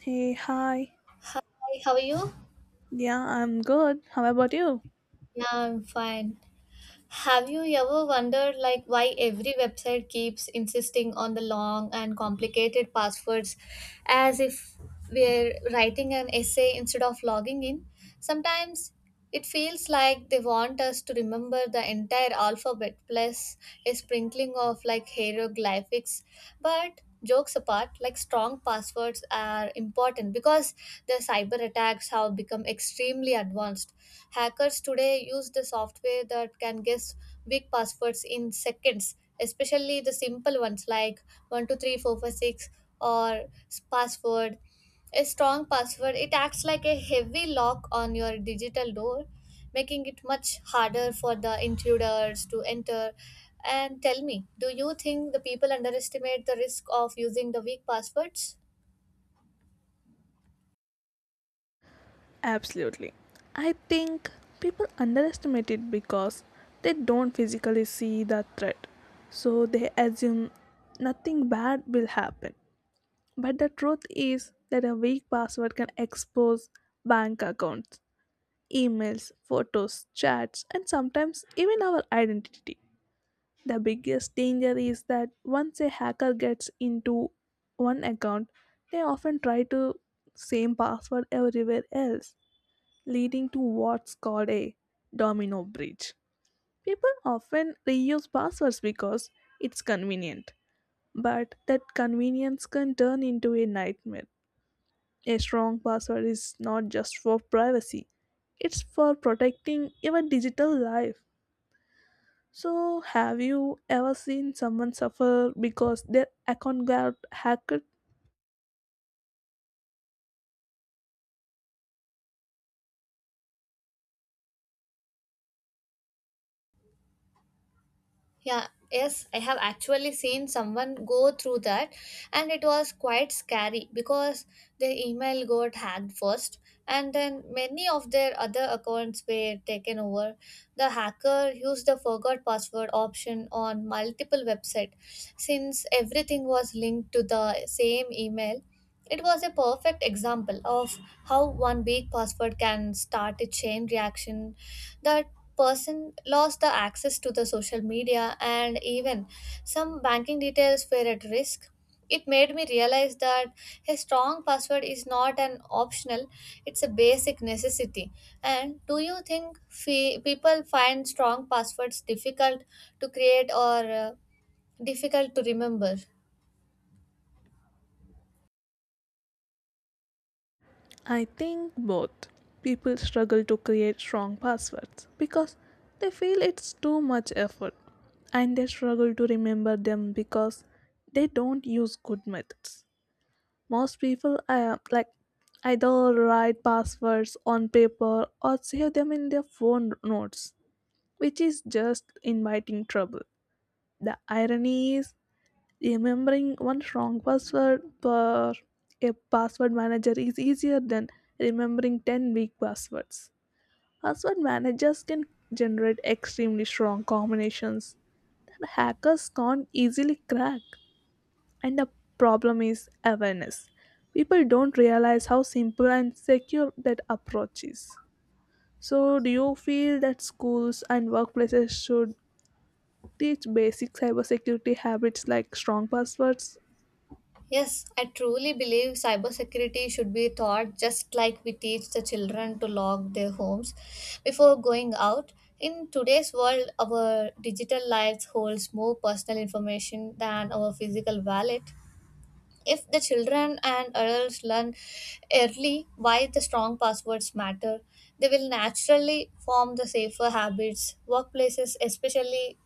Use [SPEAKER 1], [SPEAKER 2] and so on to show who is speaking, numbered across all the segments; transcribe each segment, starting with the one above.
[SPEAKER 1] Hey, hi.
[SPEAKER 2] Hi, how are you?
[SPEAKER 1] Yeah, I'm good. How about you?
[SPEAKER 2] Yeah, I'm fine. Have you ever wondered like why every website keeps insisting on the long and complicated passwords as if we're writing an essay instead of logging in? Sometimes it feels like they want us to remember the entire alphabet plus a sprinkling of like hieroglyphics. But jokes apart, like strong passwords are important because the cyber attacks have become extremely advanced. Hackers today use the software that can guess big passwords in seconds, especially the simple ones like 123456 or password. A strong password, it acts like a heavy lock on your digital door, making it much harder for the intruders to enter. And tell me, do you think the people underestimate the risk of using the weak passwords?
[SPEAKER 1] Absolutely. I think people underestimate it because they don't physically see the threat. So they assume nothing bad will happen. But the truth is that a weak password can expose bank accounts, emails, photos, chats, and sometimes even our identity. The biggest danger is that once a hacker gets into one account, they often try to same password everywhere else, leading to what's called a domino breach. People often reuse passwords because it's convenient, but that convenience can turn into a nightmare. A strong password is not just for privacy, it's for protecting your digital life. So, have you ever seen someone suffer because their account got hacked?
[SPEAKER 2] Yeah, yes, I have actually seen someone go through that, and it was quite scary because their email got hacked first, and then many of their other accounts were taken over. The hacker used the forgot password option on multiple websites. Since everything was linked to the same email, it was a perfect example of how one weak password can start a chain reaction. That person lost the access to the social media, and even some banking details were at risk. It made me realize that a strong password is not an optional, it's a basic necessity. And do you think people find strong passwords difficult to create or difficult to remember?
[SPEAKER 1] I think both. People struggle to create strong passwords because they feel it's too much effort, and they struggle to remember them because they don't use good methods. Most people either write passwords on paper or save them in their phone notes, which is just inviting trouble. The irony is, remembering one strong password per a password manager is easier than remembering 10 weak passwords. Password managers can generate extremely strong combinations that hackers can't easily crack. And the problem is awareness. People don't realize how simple and secure that approach is. So, do you feel that schools and workplaces should teach basic cybersecurity habits like strong passwords?
[SPEAKER 2] Yes, I truly believe cybersecurity should be taught just like we teach the children to lock their homes before going out. In today's world, our digital lives holds more personal information than our physical wallet. If the children and adults learn early why the strong passwords matter, they will naturally form the safer habits. Workplaces especially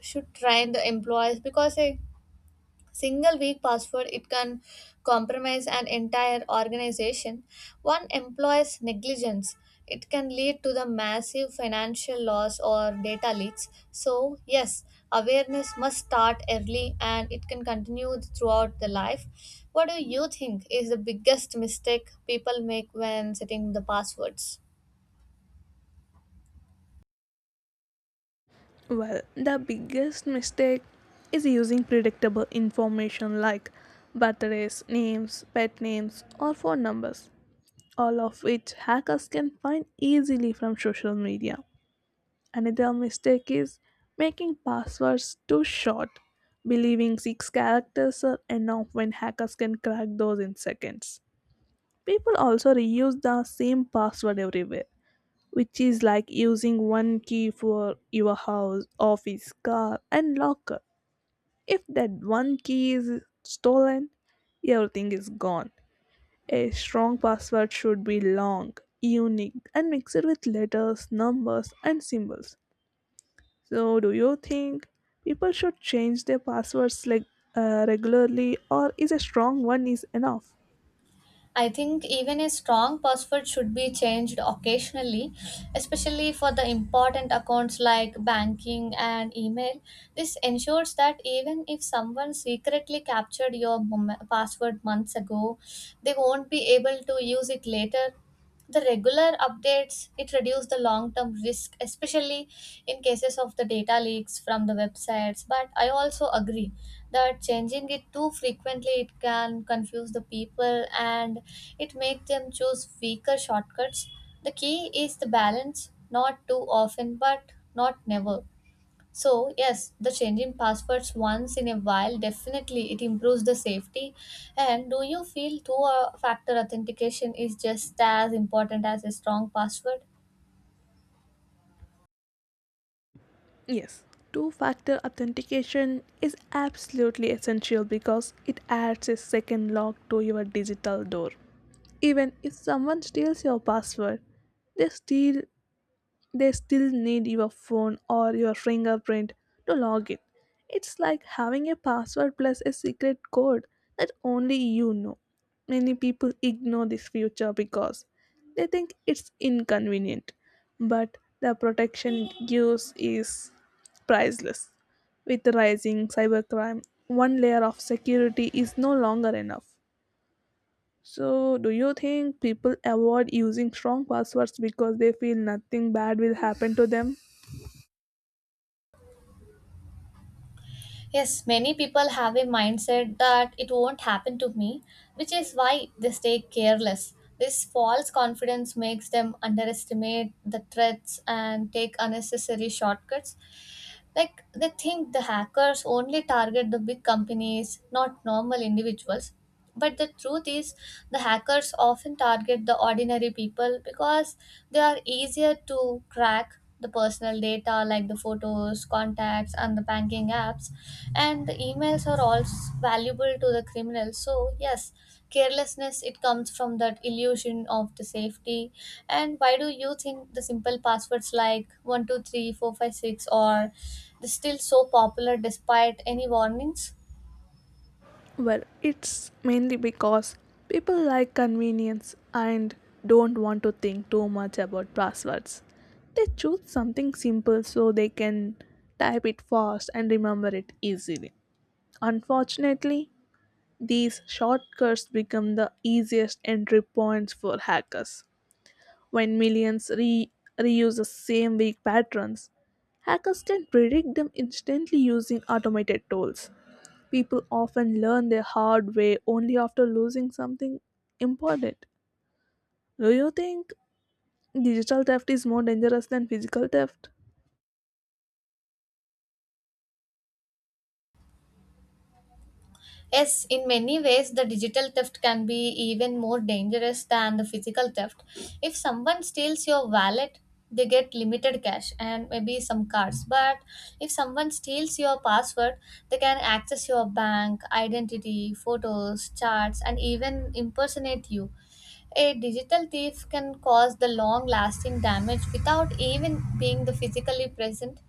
[SPEAKER 2] should train the employees because they single weak password it can compromise an entire organization. One employee's negligence it can lead to the massive financial loss or data leaks, so yes, awareness must start early and it can continue throughout the life. What do you think is the biggest mistake people make when setting the passwords?
[SPEAKER 1] Well, the biggest mistake is using predictable information like birthdays, names, pet names, or phone numbers, all of which hackers can find easily from social media. Another mistake is making passwords too short, believing six characters are enough when hackers can crack those in seconds. People also reuse the same password everywhere, which is like using one key for your house, office, car, and locker. If that one key is stolen, everything is gone. A strong password should be long, unique, and mixed with letters, numbers, and symbols. So, do you think people should change their passwords like regularly, or is a strong one is enough?
[SPEAKER 2] I think even a strong password should be changed occasionally, especially for the important accounts like banking and email. This ensures that even if someone secretly captured your password months ago, they won't be able to use it later. The regular updates it reduce the long term risk, especially in cases of the data leaks from the websites. But I also agree that changing it too frequently it can confuse the people and it make them choose weaker shortcuts. The key is the balance, not too often but not never. So yes, the changing passwords once in a while definitely it improves the safety. And do you feel two factor authentication is just as important as a strong password?
[SPEAKER 1] Yes, two factor authentication is absolutely essential because it adds a second lock to your digital door. Even if someone steals your password, they still they still need your phone or your fingerprint to log in. It's like having a password plus a secret code that only you know. Many people ignore this feature because they think it's inconvenient, but the protection it gives is priceless. With rising cybercrime, one layer of security is no longer enough. So, do you think people avoid using strong passwords because they feel nothing bad will happen to them?
[SPEAKER 2] Yes, many people have a mindset that it won't happen to me, which is why they stay careless. This false confidence makes them underestimate the threats and take unnecessary shortcuts. Like they think the hackers only target the big companies, not normal individuals. But the truth is, the hackers often target the ordinary people because they are easier to crack. The personal data like the photos, contacts, and the banking apps. And the emails are also valuable to the criminals. So, yes, carelessness it comes from that illusion of the safety. And why do you think the simple passwords like 123456 are still so popular despite any warnings?
[SPEAKER 1] Well, it's mainly because people like convenience and don't want to think too much about passwords. They choose something simple so they can type it fast and remember it easily. Unfortunately, these shortcuts become the easiest entry points for hackers. When millions reuse the same weak patterns, hackers can predict them instantly using automated tools. People often learn the hard way only after losing something important. Do you think digital theft is more dangerous than physical theft?
[SPEAKER 2] Yes, in many ways, the digital theft can be even more dangerous than the physical theft. If someone steals your wallet, they get limited cash and maybe some cards. But if someone steals your password, they can access your bank, identity, photos, charts, and even impersonate you. A digital thief can cause the long lasting damage without even being the physically present.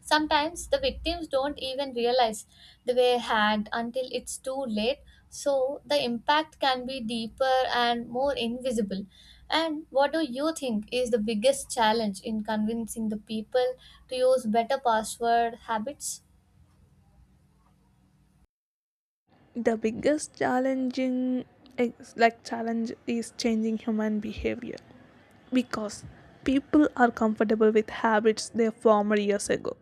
[SPEAKER 2] Sometimes the victims don't even realize they were hacked until it's too late, so the impact can be deeper and more invisible. And what do you think is the biggest challenge in convincing the people to use better password habits?
[SPEAKER 1] The biggest challenging ex- like challenge is changing human behavior because people are comfortable with habits they formed years ago.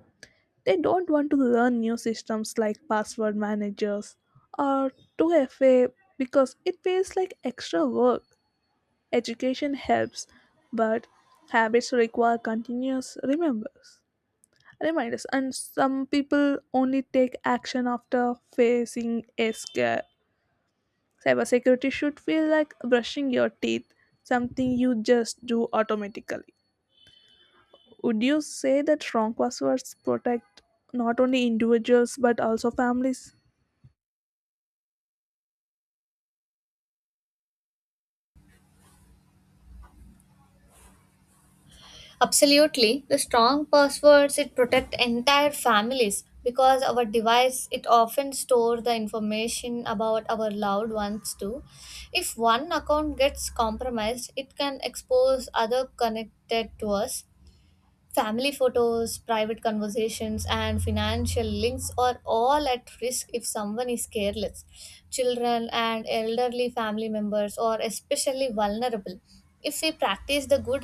[SPEAKER 1] They don't want to learn new systems like password managers or 2FA because it feels like extra work. Education helps, but habits require continuous remembers. reminders, and some people only take action after facing a scare. Cybersecurity should feel like brushing your teeth, something you just do automatically. Would you say that strong passwords protect not only individuals but also families?
[SPEAKER 2] Absolutely. The strong passwords it protect entire families because our device it often store the information about our loved ones too. If one account gets compromised, it can expose other connected to us. Family photos, private conversations, and financial links are all at risk if someone is careless. Children and elderly family members are especially vulnerable. If we practice the good